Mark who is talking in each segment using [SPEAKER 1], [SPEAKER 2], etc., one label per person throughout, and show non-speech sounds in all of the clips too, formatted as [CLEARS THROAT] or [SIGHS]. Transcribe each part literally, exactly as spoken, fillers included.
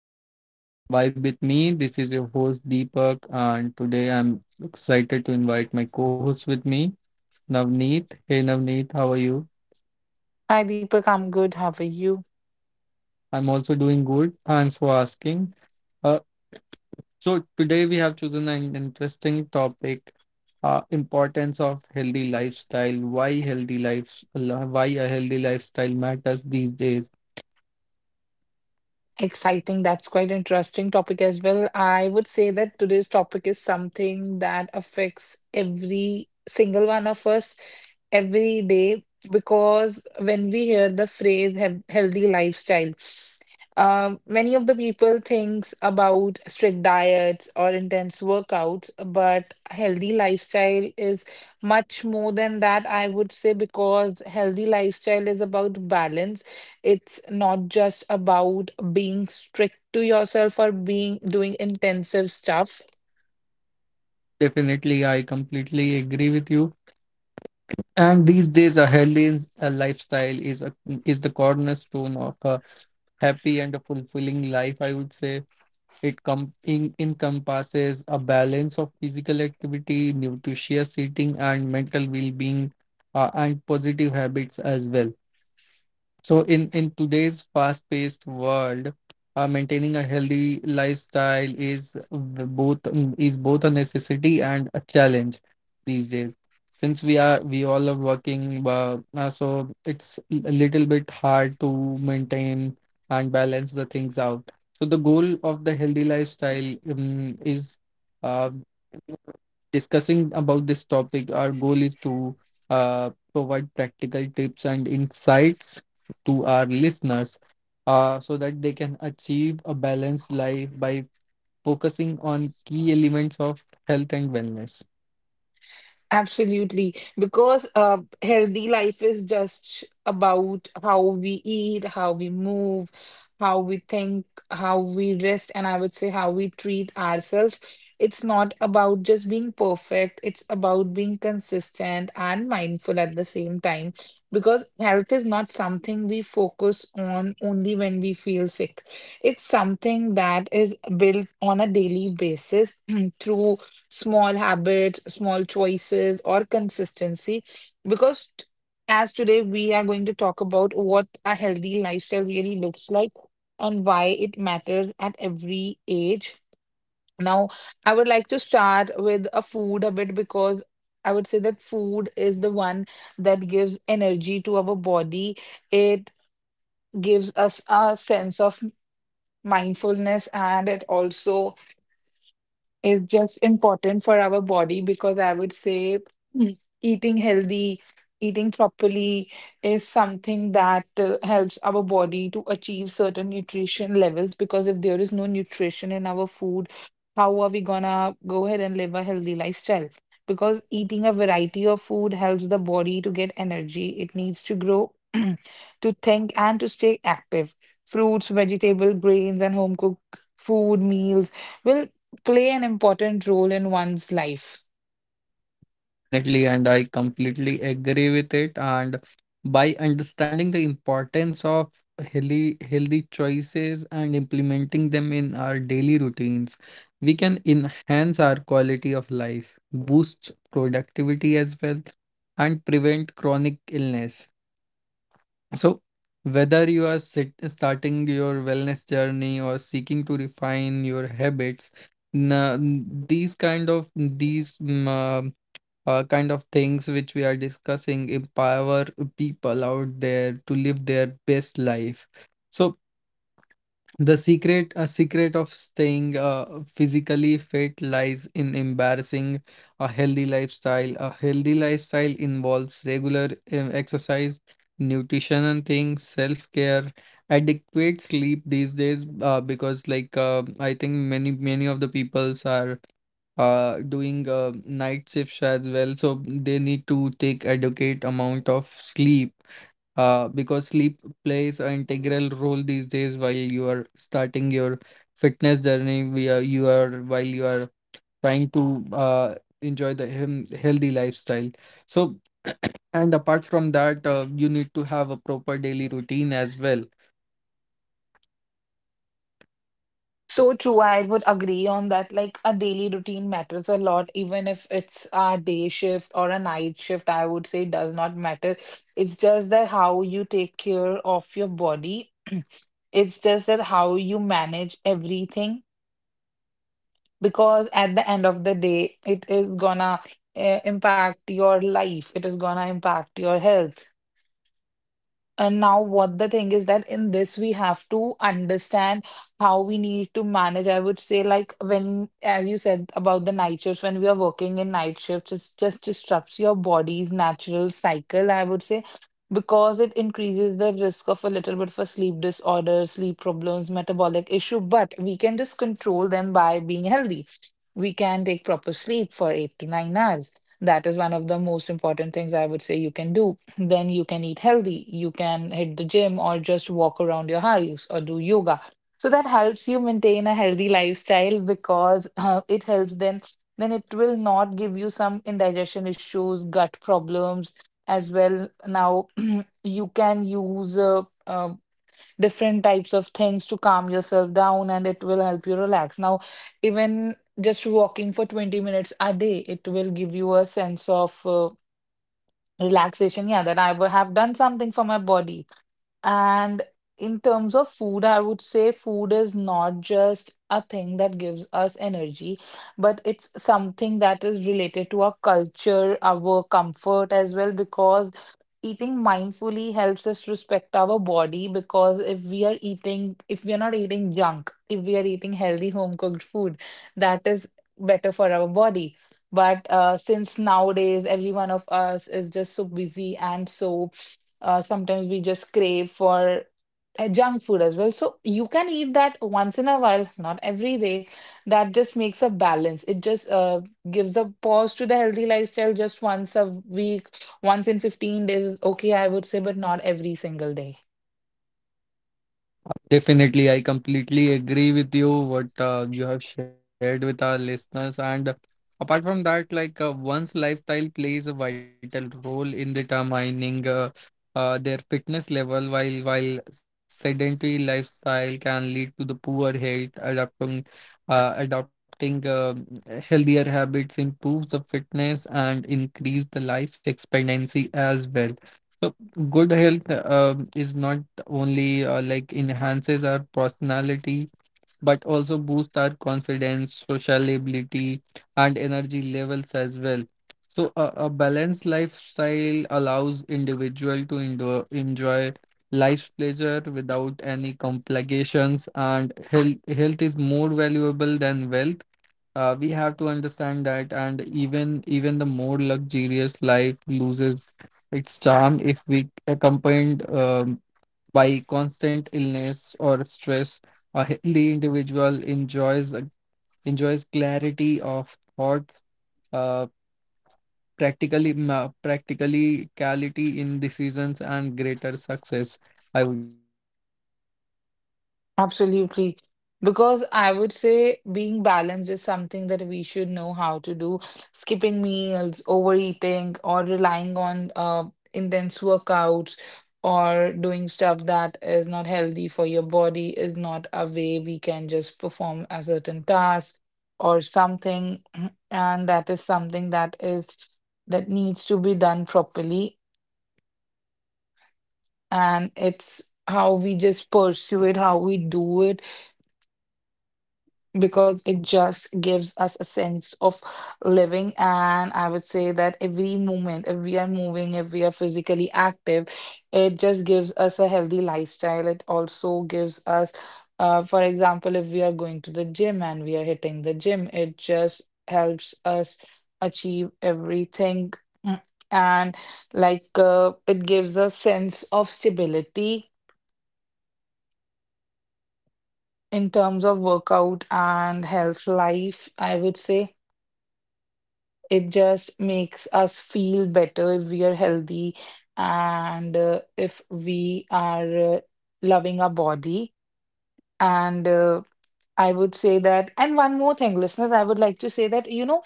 [SPEAKER 1] channel Vibe with me. This is your host Deepak, and today I'm excited to invite my co-host with me, Navneet. Hey Navneet, how are you?
[SPEAKER 2] Hi Deepak, I'm good. How are you?
[SPEAKER 1] I'm also doing good. Thanks for asking. Uh, so today we have chosen an interesting topic: uh, importance of healthy lifestyle. Why healthy lives? Why a healthy lifestyle matters these days.
[SPEAKER 2] Exciting. That's quite interesting topic as well. I would say that today's topic is something that affects every single one of us every day because when we hear the phrase "hea- healthy lifestyle, um, many of the people thinks about strict diets or intense workouts, but healthy lifestyle is much more than that, I would say, because healthy lifestyle is about balance. It's not just about being strict to yourself or being doing intensive stuff.
[SPEAKER 1] Definitely, I completely agree with you. And these days, a healthy uh, lifestyle is a is the cornerstone of a happy and a fulfilling life. I would say it com- in, encompasses a balance of physical activity, nutritious eating, and mental well-being, uh, and positive habits as well. So in in today's fast-paced world, uh, maintaining a healthy lifestyle is v- both mm, is both a necessity and a challenge these days. Since we are we all are working, uh, uh, so it's a little bit hard to maintain and balance the things out. So the goal of the healthy lifestyle um, is. Uh, Discussing about this topic, our goal is to uh, provide practical tips and insights to our listeners uh, so that they can achieve a balanced life by focusing on key elements of health and wellness.
[SPEAKER 2] Absolutely, because uh, healthy life is just about how we eat, how we move, how we think, how we rest, and I would say how we treat ourselves. It's not about just being perfect, it's about being consistent and mindful at the same time. Because health is not something we focus on only when we feel sick. It's something that is built on a daily basis [CLEARS THROAT] through small habits, small choices, or consistency. Because t- as today we are going to talk about what a healthy lifestyle really looks like and why it matters at every age. Now, I would like to start with a food a bit because I would say that food is the one that gives energy to our body. It gives us a sense of mindfulness and it also is just important for our body because I would say mm, eating healthy, eating properly is something that uh, helps our body to achieve certain nutrition levels because if there is no nutrition in our food, how are we gonna go ahead and live a healthy lifestyle? Because eating a variety of food helps the body to get energy. It needs to grow, [CLEARS THROAT] to think, and to stay active. Fruits, vegetable, grains, and home cooked food meals will play an important role in one's life.
[SPEAKER 1] Definitely, and I completely agree with it. And by understanding the importance of healthy healthy choices and implementing them in our daily routines, we can enhance our quality of life, boost productivity as well, and prevent chronic illness. So, whether you are sit starting your wellness journey or seeking to refine your habits, na- these kind of these um, uh, kind of things which we are discussing empower people out there to live their best life. So the secret, a secret of staying uh, physically fit lies in embarrassing a healthy lifestyle. A healthy lifestyle involves regular um, exercise, nutrition and things, self-care, adequate sleep these days uh, because like uh, I think many many of the peoples are uh doing uh, night shifts as well, so they need to take adequate amount of sleep uh because sleep plays an integral role these days while you are starting your fitness journey, we are you are while you are trying to uh enjoy the hem- healthy lifestyle. So [CLEARS THROAT] and apart from that, uh, you need to have a proper daily routine as well.
[SPEAKER 2] So true. I would agree on that. Like a daily routine matters a lot, even if it's a day shift or a night shift, I would say does not matter. It's just that how you take care of your body. [CLEARS THROAT] It's just that how you manage everything, because at the end of the day, it is gonna uh, impact your life. It is gonna impact your health. And now, what the thing is that in this, we have to understand how we need to manage. I would say, like, when, as you said about the night shifts, when we are working in night shifts, it just disrupts your body's natural cycle, I would say, because it increases the risk of a little bit for sleep disorders, sleep problems, metabolic issue. But we can just control them by being healthy. We can take proper sleep for eight to nine hours. That is one of the most important things I would say you can do. Then you can eat healthy, you can hit the gym or just walk around your house or do yoga. So that helps you maintain a healthy lifestyle because uh, it helps, then then it will not give you some indigestion issues, gut problems as well. Now, [CLEARS THROAT] you can use uh, uh, different types of things to calm yourself down and it will help you relax. Now even just walking for twenty minutes a day, it will give you a sense of uh, relaxation, yeah, that I would have done something for my body. And in terms of food, I would say food is not just a thing that gives us energy but it's something that is related to our culture, our comfort as well, because eating mindfully helps us respect our body because if we are eating, if we are not eating junk, if we are eating healthy home cooked food, that is better for our body. But uh, since nowadays every one of us is just so busy, and so uh, sometimes we just crave for uh, junk food as well. So you can eat that once in a while, not every day. That just makes a balance. It just uh, gives a pause to the healthy lifestyle just once a week, once in fifteen days is okay, I would say, but not every single day.
[SPEAKER 1] Definitely, I completely agree with you what uh, you have shared with our listeners. And apart from that, like uh, one's lifestyle plays a vital role in determining uh, uh, their fitness level, while while sedentary lifestyle can lead to the poor health. Adapting uh, Adopting uh, healthier habits improves the fitness and increase the life expectancy as well. So good health um is not only uh, like enhances our personality but also boosts our confidence, sociability, and energy levels as well. So a, a balanced lifestyle allows individual to endo- enjoy life's pleasure without any complications, and health health is more valuable than wealth. Uh, we have to understand that, and even even the more luxurious life loses its charm if we accompanied um by constant illness or stress. A healthy individual enjoys enjoys clarity of thought, uh, practical
[SPEAKER 2] Absolutely. Because I would say being balanced is something that we should know how to do. Skipping meals, overeating, or relying on uh, intense workouts or doing stuff that is not healthy for your body is not a way we can just perform a certain task or something. [CLEARS THROAT] And that is something that is that needs to be done properly, and it's how we just pursue it, how we do it, because it just gives us a sense of living. And I would say that every moment, if we are moving, if we are physically active, it just gives us a healthy lifestyle. It also gives us, uh, for example, if we are going to the gym and we are hitting the gym, it just helps us achieve everything. Mm, And like uh, it gives a sense of stability in terms of workout and health life, I would say it just makes us feel better if we are healthy, and uh, if we are uh, loving our body. And uh, I would say that, and one more thing, listeners, I would like to say that, you know,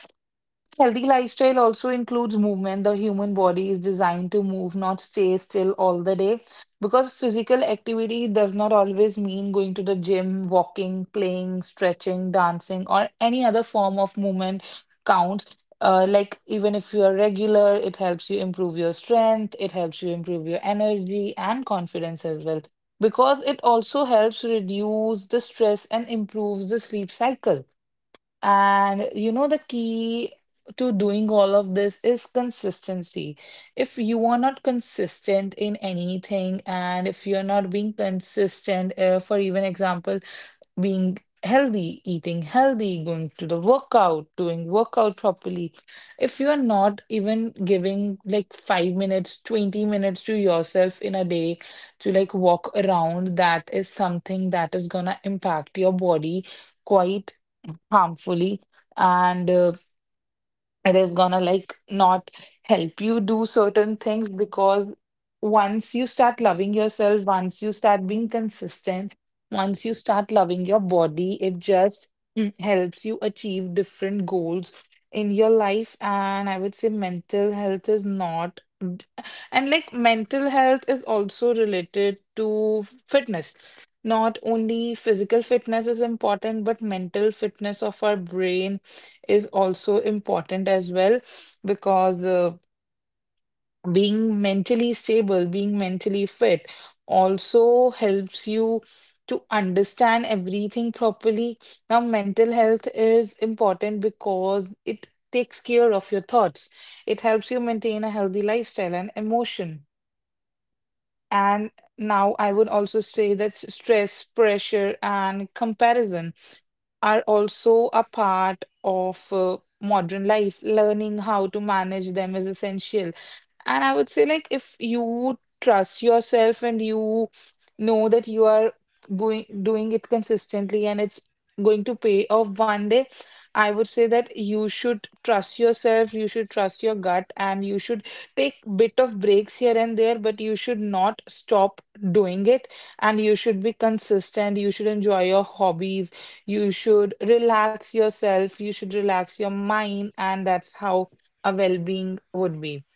[SPEAKER 2] healthy lifestyle also includes movement. The human body is designed to move, not stay still all the day. Because physical activity does not always mean going to the gym, walking, playing, stretching, dancing, or any other form of movement counts. Uh, like, even if you are regular, it helps you improve your strength, it helps you improve your energy and confidence as well. Because it also helps reduce the stress and improves the sleep cycle. And you know, the key to doing all of this is consistency. If you are not consistent in anything, and if you're not being consistent, uh, for even example, being healthy, eating healthy, going to the workout, doing workout properly, if you are not even giving like five minutes, twenty minutes to yourself in a day to like walk around, that is something that is gonna impact your body. Quite harmfully, and uh, it is gonna like not help you do certain things because once you start loving yourself, once you start being consistent, once you start loving your body, it just mm, helps you achieve different goals in your life. And I would say mental health is not, d- and like mental health is also related to fitness. Not only physical fitness is important, but mental fitness of our brain is also important as well because uh, being mentally stable, being mentally fit also helps you to understand everything properly. Now, mental health is important because it takes care of your thoughts. It helps you maintain a healthy lifestyle and emotion. And now I would also say that s- stress, pressure, and comparison are also a part of uh, modern life. Learning how to manage them is essential, and I would say, like, if you trust yourself and you know that you are going doing it consistently and it's going to pay off one day, I would say that you should trust yourself, you should trust your gut, and you should take bit of breaks here and there, but you should not stop doing it. And you should be consistent. You should enjoy your hobbies. You should relax yourself. You should relax your mind, and that's how a well-being would be.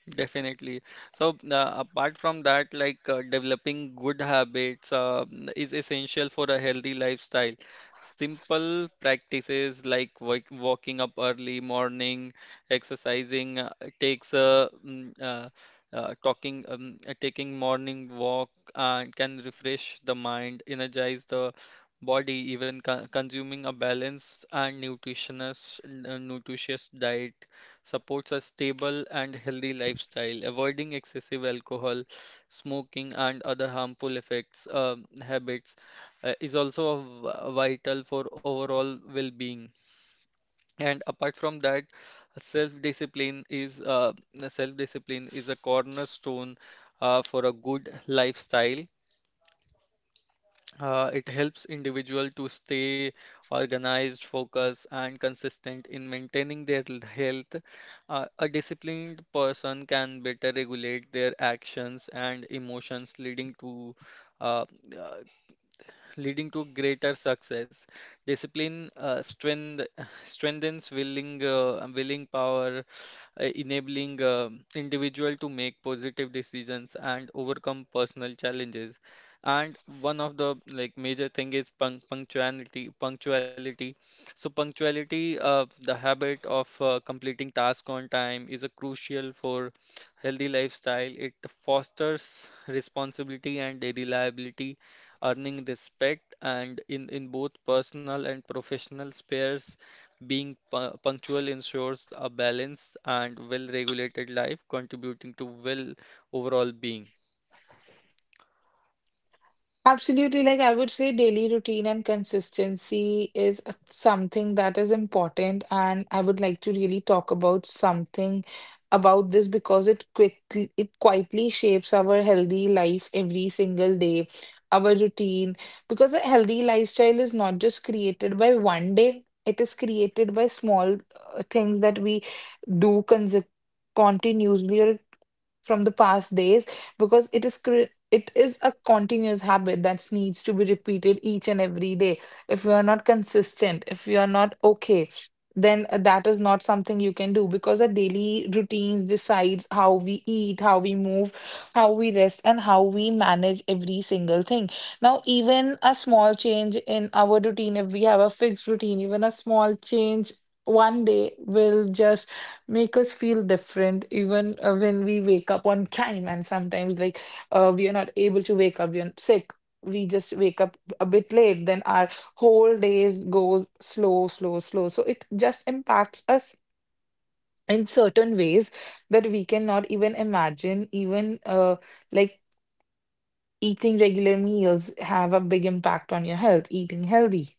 [SPEAKER 3] Definitely. So, uh, apart from that, like uh, developing good habits uh, is essential for a healthy lifestyle. Simple practices like work, walking up early morning, exercising uh, takes uh, mm, uh, uh, talking um, uh, taking morning walk uh, can refresh the mind, energize the body, even co consuming a balanced and nutritious uh, nutritious diet supports a stable and healthy lifestyle, avoiding excessive alcohol, smoking, and other harmful effects um habits uh, is also a v- vital for overall well-being. And apart from that, self-discipline is uh, self-discipline is a cornerstone uh, for a good lifestyle. Uh, it helps individual to stay organized, focused, and consistent in maintaining their l- health. Uh, a disciplined person can better regulate their actions and emotions, leading to uh, uh, leading to greater success. Discipline uh, strength, strengthens willing, uh, willing power, uh, enabling uh, individual to make positive decisions and overcome personal challenges. And one of the like major thing is punc punctuality. Punctuality. So punctuality, uh, the habit of uh, completing task on time is a crucial for healthy lifestyle. It fosters responsibility and reliability earning respect, and in, in both personal and professional spheres, being pu- punctual ensures a balanced and well-regulated life, contributing to well overall being.
[SPEAKER 2] Absolutely. Like I would say daily routine and consistency is a- something that is important. And I would like to really talk about something about this because it quickly, it quietly shapes our healthy life every single day, our routine. Because a healthy lifestyle is not just created by one day, it is created by small uh, things that we do consecutively. Continuously or from the past days, because it is cre- it is a continuous habit that needs to be repeated each and every day. If you are not consistent, if you are not okay, then uh, that is not something you can do because a daily routine decides how we eat, how we move, how we rest, and how we manage every single thing. Now, even a small change in our routine, if we have a fixed routine, even a small change one day will just make us feel different, even uh, when we wake up on time, and sometimes like uh, we are not able to wake up, we are sick, we just wake up a bit late, then our whole days go slow, slow, slow, so it just impacts us in certain ways that we cannot even imagine, even uh, like eating regular meals have a big impact on your health, eating healthy,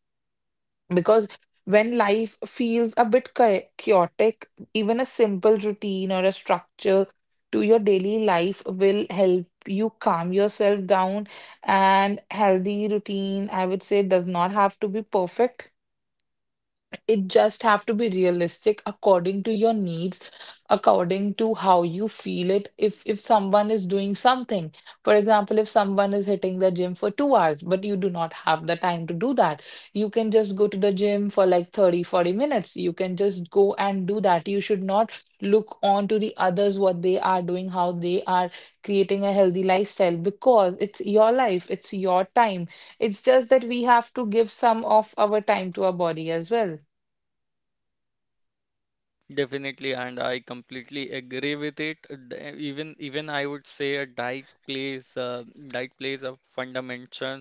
[SPEAKER 2] because when life feels a bit cha- chaotic, even a simple routine or a structure to your daily life will help you calm yourself down. And healthy routine, I would say, does not have to be perfect, it just have to be realistic according to your needs, according to how you feel it. If if someone is doing something, for example if someone is hitting the gym for two hours but you do not have the time to do that, you can just go to the gym for like thirty, forty minutes. You can just go and do that. You should not look on to the others what they are doing, how they are creating a healthy lifestyle, because it's your life, it's your time. It's just that we have to give some of our time to our body as well.
[SPEAKER 3] Definitely, and I completely agree with it. The- Even even I would say a diet plays uh, diet plays a fundamental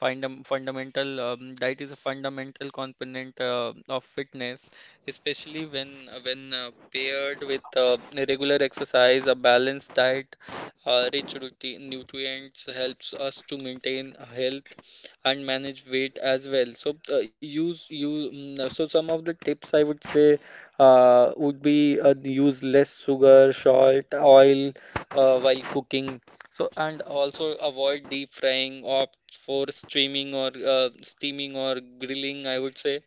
[SPEAKER 3] fundam, fundamental um, diet is a fundamental component uh, of fitness, especially when when uh, paired with uh, regular exercise, a balanced diet, uh, rich nutrient nutrients helps us to maintain health and manage weight as well. So uh, use you mm, so some of the tips I would say uh, would be uh, use less sugar, salt, oil uh, while cooking. So and also avoid deep frying, opt for steaming or uh, steaming or grilling, I would say.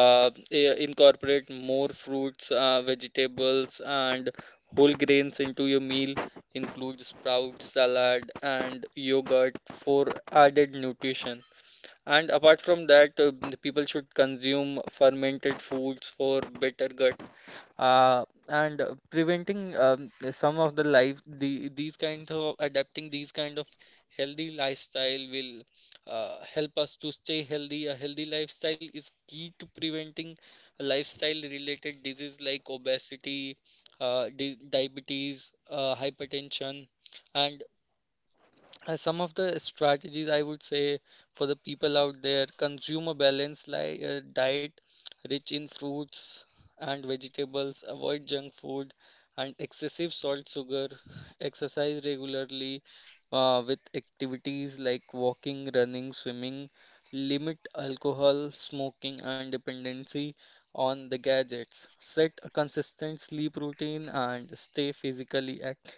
[SPEAKER 3] Uh, i- incorporate more fruits, uh, vegetables, and whole grains into your meal. Include sprouts, salad, and yogurt for added nutrition. And apart from that, uh, people should consume fermented foods for better gut uh, and uh, preventing um, some of the life the these kinds of adapting these kind of healthy lifestyle will uh, help us to stay healthy. A healthy lifestyle is key to preventing lifestyle related disease like obesity, uh, di diabetes, uh, hypertension, and uh, some of the strategies I would say for the people out there, consume a balanced li uh, diet rich in fruits and vegetables, avoid junk food and excessive salt, sugar, exercise regularly uh, with activities like walking, running, swimming, limit alcohol, smoking, and dependency on the gadgets, set a consistent sleep routine, and stay physically active.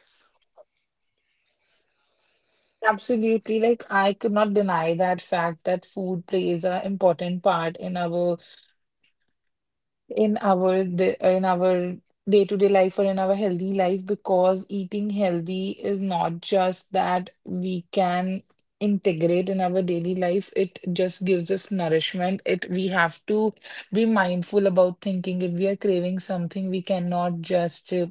[SPEAKER 2] Absolutely. Like, I could not deny that fact that food plays an important part in our, in our da- in our day-to-day life or in our healthy life, because eating healthy is not just that we can integrate in our daily life. It just gives us nourishment. It We have to be mindful about thinking. If we are craving something, we cannot just uh,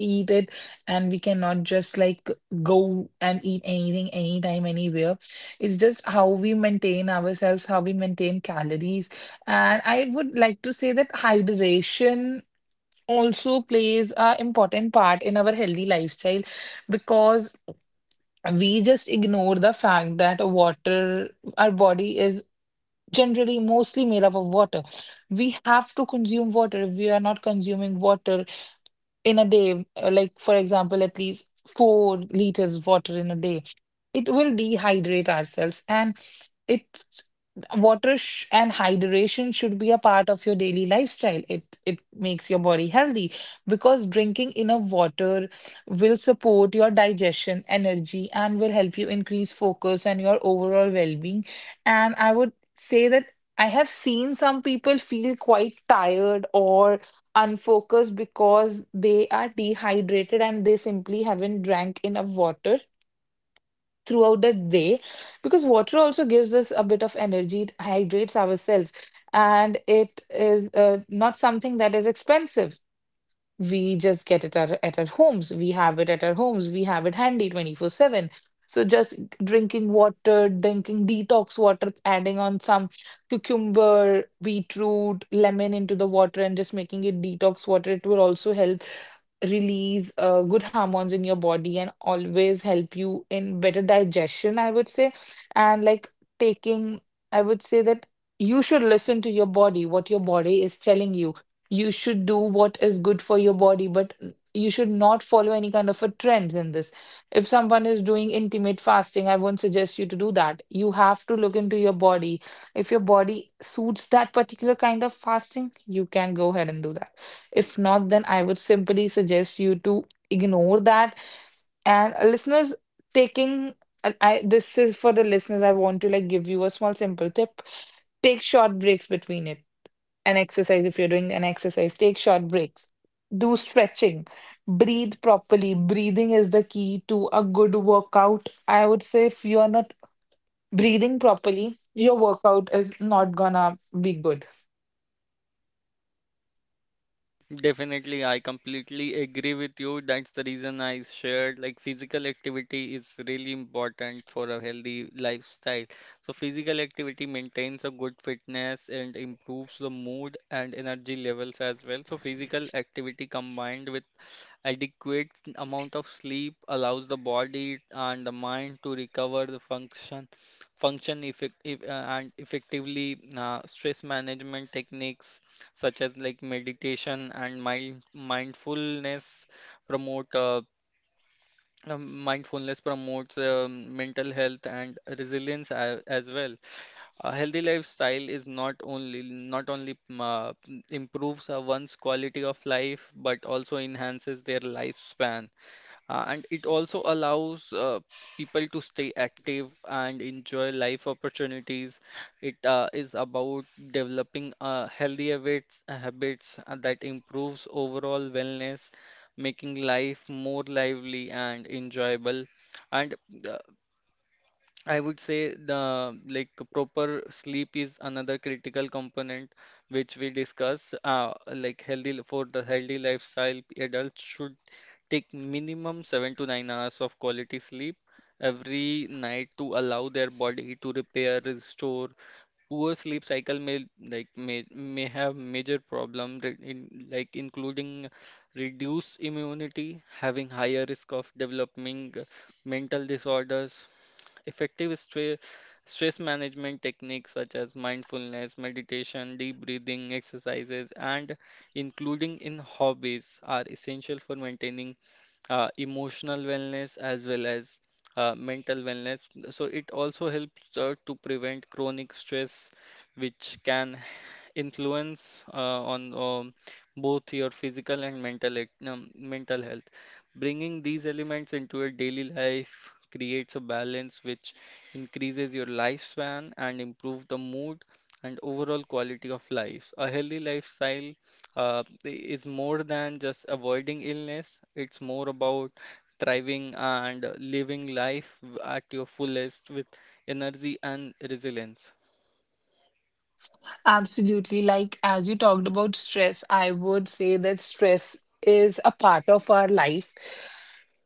[SPEAKER 2] eat it, and we cannot just like go and eat anything, anytime, anywhere. It's just how we maintain ourselves, how we maintain calories. And I would like to say that hydration also plays a important part in our healthy lifestyle, because we just ignore the fact that water, our body is generally mostly made up of water. We have to consume water. If we are not consuming water in a day, uh, like for example, at least four liters water in a day, it will dehydrate ourselves. And it water sh and hydration should be a part of your daily lifestyle. It it makes your body healthy, because drinking enough water will support your digestion, energy, and will help you increase focus and your overall well-being. And I would say that I have seen some people feel quite tired or unfocused because they are dehydrated and they simply haven't drank enough water throughout the day, because water also gives us a bit of energy, it hydrates ourselves. And it is uh, not something that is expensive. We just get it at, at our homes. We have it at our homes. We have it handy twenty-four seven. So just drinking water, drinking detox water, adding on some cucumber, beetroot, lemon into the water and just making it detox water. It will also help release uh, good hormones in your body and always help you in better digestion, I would say. And like taking, I would say that you should listen to your body, what your body is telling you. You should do what is good for your body, but you should not follow any kind of a trend in this. If someone is doing intermittent fasting, I won't suggest you to do that. You have to look into your body. If your body suits that particular kind of fasting, you can go ahead and do that. If not, then I would simply suggest you to ignore that. And uh, listeners, taking and I this is for the listeners, I want to like give you a small simple tip. Take short breaks between it An exercise, if you're doing an exercise, take short breaks, do stretching, breathe properly. Breathing is the key to a good workout, I would say. If you're not breathing properly, your workout is not gonna be good.
[SPEAKER 3] Definitely, I completely agree with you. That's the reason I shared like physical activity is really important for a healthy lifestyle. So physical activity maintains a good fitness and improves the mood and energy levels as well. So physical activity combined with adequate amount of sleep allows the body and the mind to recover the function function effect, if, uh, and effectively uh, Stress management techniques such as like meditation and mind mindfulness promote uh, um, mindfulness promotes um, mental health and resilience as, as well. A healthy lifestyle is not only not only um, uh, improves uh, one's quality of life but also enhances their lifespan. Uh, and it also allows uh, people to stay active and enjoy life opportunities. It uh, is about developing uh, healthy habits, uh, habits uh, that improves overall wellness, making life more lively and enjoyable. And uh, I would say the like proper sleep is another critical component which we discuss. Uh, like healthy li- for the healthy lifestyle, adults should take minimum seven to nine hours of quality sleep every night to allow their body to repair, restore. Poor sleep cycle may like may may have major problem re- in like including reduced immunity, having higher risk of developing mental disorders. Effective stre- stress management techniques such as mindfulness, meditation, deep breathing exercises, and including in hobbies are essential for maintaining uh, emotional wellness as well as uh, mental wellness. So it also helps uh, to prevent chronic stress, which can influence uh, on um, both your physical and mental act- um, mental health. Bringing these elements into your daily life creates a balance which increases your lifespan and improve the mood and overall quality of life. A healthy lifestyle uh, is more than just avoiding illness, it's more about thriving and living life at your fullest with energy and resilience.
[SPEAKER 2] Absolutely. Like, as you talked about stress, I would say that stress is a part of our life,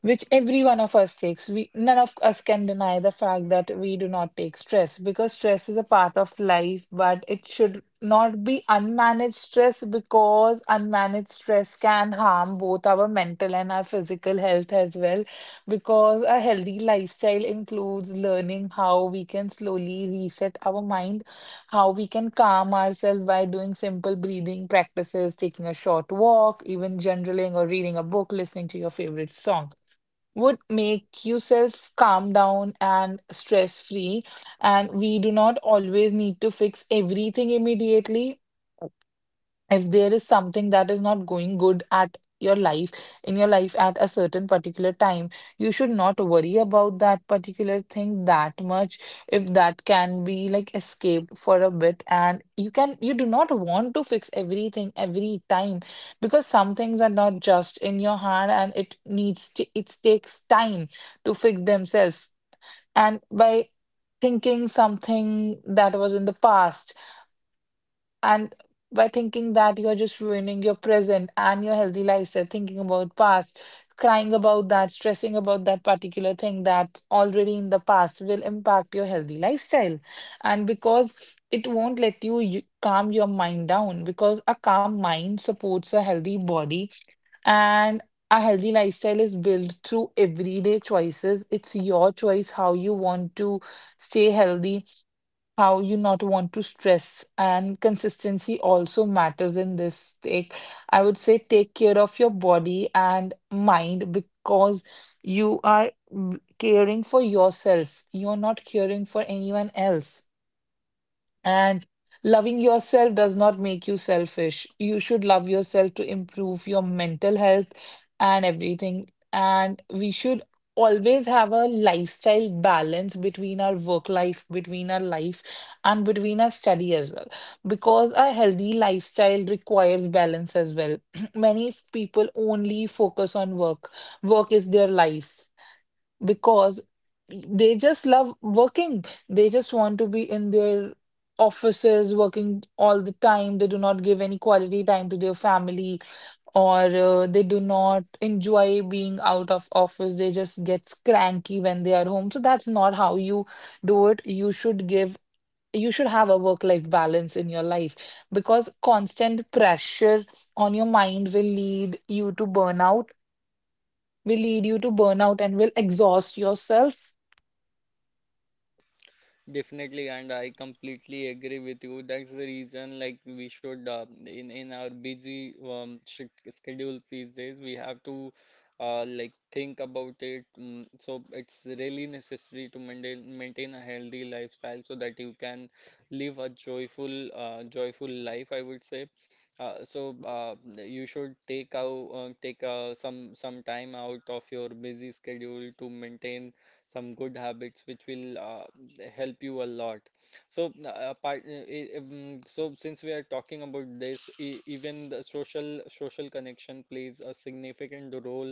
[SPEAKER 2] which every one of us takes. We, none of us can deny the fact that we do not take stress, because stress is a part of life, but it should not be unmanaged stress, because unmanaged stress can harm both our mental and our physical health as well. Because a healthy lifestyle includes learning how we can slowly reset our mind, how we can calm ourselves by doing simple breathing practices, taking a short walk, even journaling or reading a book, listening to your favorite song would make yourself calm down and stress free. And we do not always need to fix everything immediately. If there is something that is not going good at your life in your life at a certain particular time, you should not worry about that particular thing that much, if that can be like escaped for a bit, and you can you do not want to fix everything every time, because some things are not just in your hand and it needs to, it takes time to fix themselves. And by thinking something that was in the past, and by thinking that, you're just ruining your present and your healthy lifestyle. Thinking about past, crying about that, stressing about that particular thing that already in the past will impact your healthy lifestyle. And because it won't let you, you calm your mind down, because a calm mind supports a healthy body. And a healthy lifestyle is built through everyday choices. It's your choice how you want to stay healthy, how you not want to stress, and consistency also matters in this. Take I would say, take care of your body and mind, because you are w- caring for yourself, you're not caring for anyone else. And loving yourself does not make you selfish. You should love yourself to improve your mental health and everything. And we should always have a lifestyle balance between our work life, between our life, and between our study as well. Because a healthy lifestyle requires balance as well. [CLEARS THROAT] Many people only focus on work, work is their life, because they just love working. They just want to be in their offices working all the time. They do not give any quality time to their family, or uh, they do not enjoy being out of office. They just get cranky when they are home. So that's not how you do it. You should give You should have a work-life balance in your life, because constant pressure on your mind will lead you to burnout, will lead you to burnout and will exhaust yourself.
[SPEAKER 3] Definitely, and I completely agree with you. That's the reason, like, we should uh, in in our busy um, sch- schedule these days, we have to uh, like think about it. Mm, so it's really necessary to maintain maintain a healthy lifestyle so that you can live a joyful uh, joyful life, I would say. Uh, so uh, you should take out uh, take uh, some some time out of your busy schedule to maintain some good habits which will uh, help you a lot. So, uh, apart, uh, i- um, so since we are talking about this, e even the social social connection plays a significant role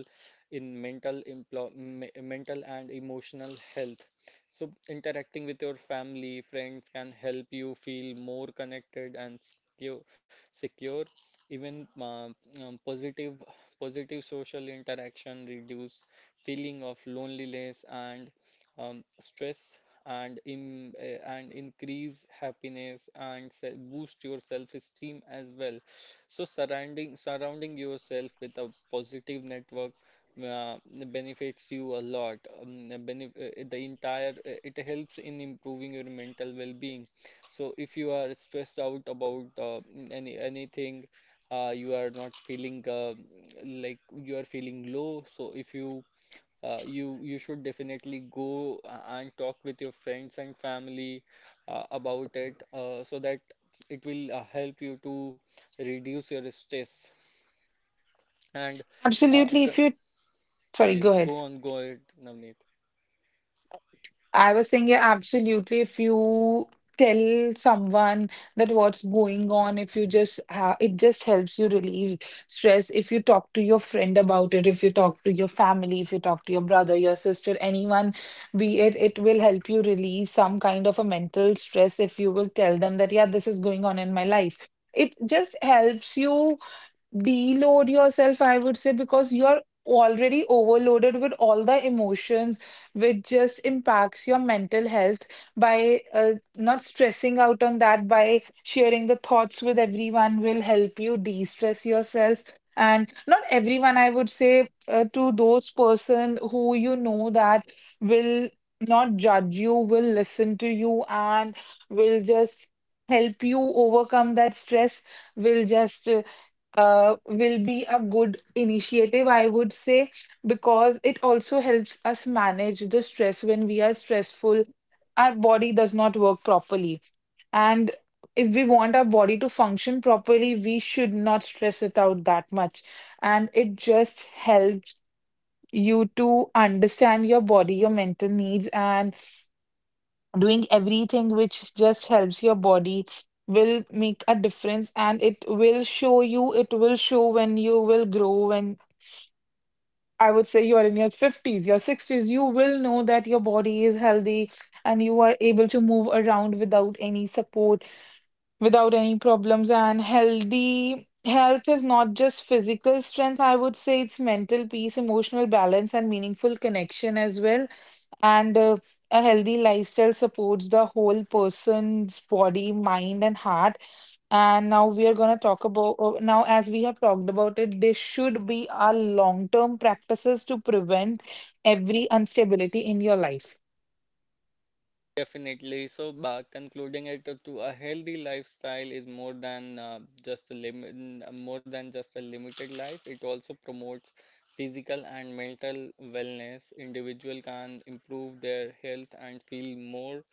[SPEAKER 3] in mental emplo me- mental and emotional health. So, interacting with your family, friends can help you feel more connected and secure. secure. Even uh, um, positive positive social interaction reduce feeling of loneliness and um, stress and in uh, and increase happiness and se- boost your self-esteem as well. So surrounding surrounding yourself with a positive network uh, benefits you a lot. Um, the benef uh, the entire uh, it helps in improving your mental well-being. So if you are stressed out about uh, any anything, uh, you are not feeling uh, like you are feeling low. So if you uh, you you should definitely go uh, and talk with your friends and family uh, about it uh, so that it will uh, help you to reduce your stress and uh, c-
[SPEAKER 2] Absolutely. If you, Sorry,
[SPEAKER 3] yeah,
[SPEAKER 2] go
[SPEAKER 3] go
[SPEAKER 2] ahead.
[SPEAKER 3] on go ahead, Navneet.
[SPEAKER 2] I was saying, yeah, absolutely. If you tell someone that what's going on, if you just, ha it just helps you relieve stress. If you talk to your friend about it, if you talk to your family, if you talk to your brother, your sister, anyone, be it, it will help you release some kind of a mental stress if you will tell them that, yeah, this is going on in my life. It just helps you deload yourself, I would say, because you're already overloaded with all the emotions, which just impacts your mental health. By uh, not stressing out on that, by sharing the thoughts with everyone will help you de-stress yourself. And not everyone, I would say, uh, to those person who you know that will not judge you, will listen to you, and will just help you overcome that stress, will just uh, uh, will be a good initiative, I would say, because it also helps us manage the stress. When we are stressful, our body does not work properly. And if we want our body to function properly, we should not stress it out that much. And it just helps you to understand your body, your mental needs, and doing everything which just helps your body will make a difference. And it will show you, it will show when you will grow. When, I would say, you are in your fifties, your sixties, you will know that your body is healthy and you are able to move around without any support, without any problems. And healthy health is not just physical strength, I would say. It's mental peace, emotional balance, and meaningful connection as well. And uh, a healthy lifestyle supports the whole person's body, mind, and heart. And now we are going to talk about, uh, now as we have talked about it, this should be our long-term practices to prevent every instability in your life.
[SPEAKER 3] Definitely. So, uh, concluding it to to a healthy lifestyle is more than uh, just a limit, more than just a limited life. It also promotes physical and mental wellness. Individual can improve their health and feel more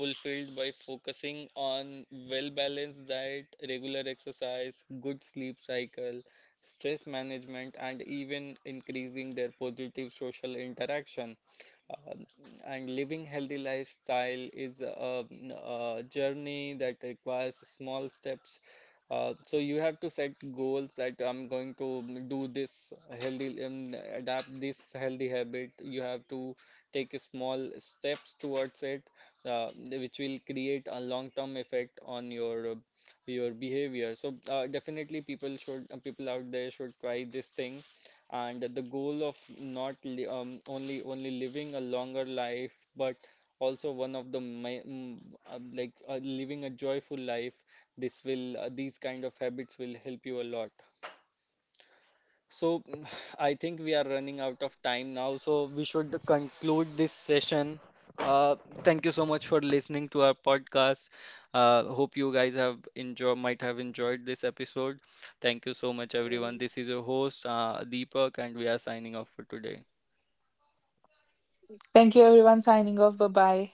[SPEAKER 3] fulfilled by focusing on well-balanced diet, regular exercise, good sleep cycle, stress management, and even increasing their positive social interaction. Uh, and living healthy lifestyle is a, a journey that requires small steps. Uh, so you have to set goals that I'm going to do this healthy, um, adapt this healthy habit. You have to take small steps towards it, uh, which will create a long-term effect on your uh, your behavior. So uh, definitely people should uh, people out there should try this thing and the goal of not li- um, only only living a longer life but also one of the mi- mm, uh, like uh, living a joyful life. This will uh, these kind of habits will help you a lot. So [SIGHS] I think we are running out of time now, so we should conclude this session. Uh, Thank you so much for listening to our podcast. Uh, hope you guys have enjoyed, might have enjoyed this episode. Thank you so much, everyone. This is your host, uh, Deepak, and we are signing off for today.
[SPEAKER 2] Thank you, everyone, signing off. Bye-bye.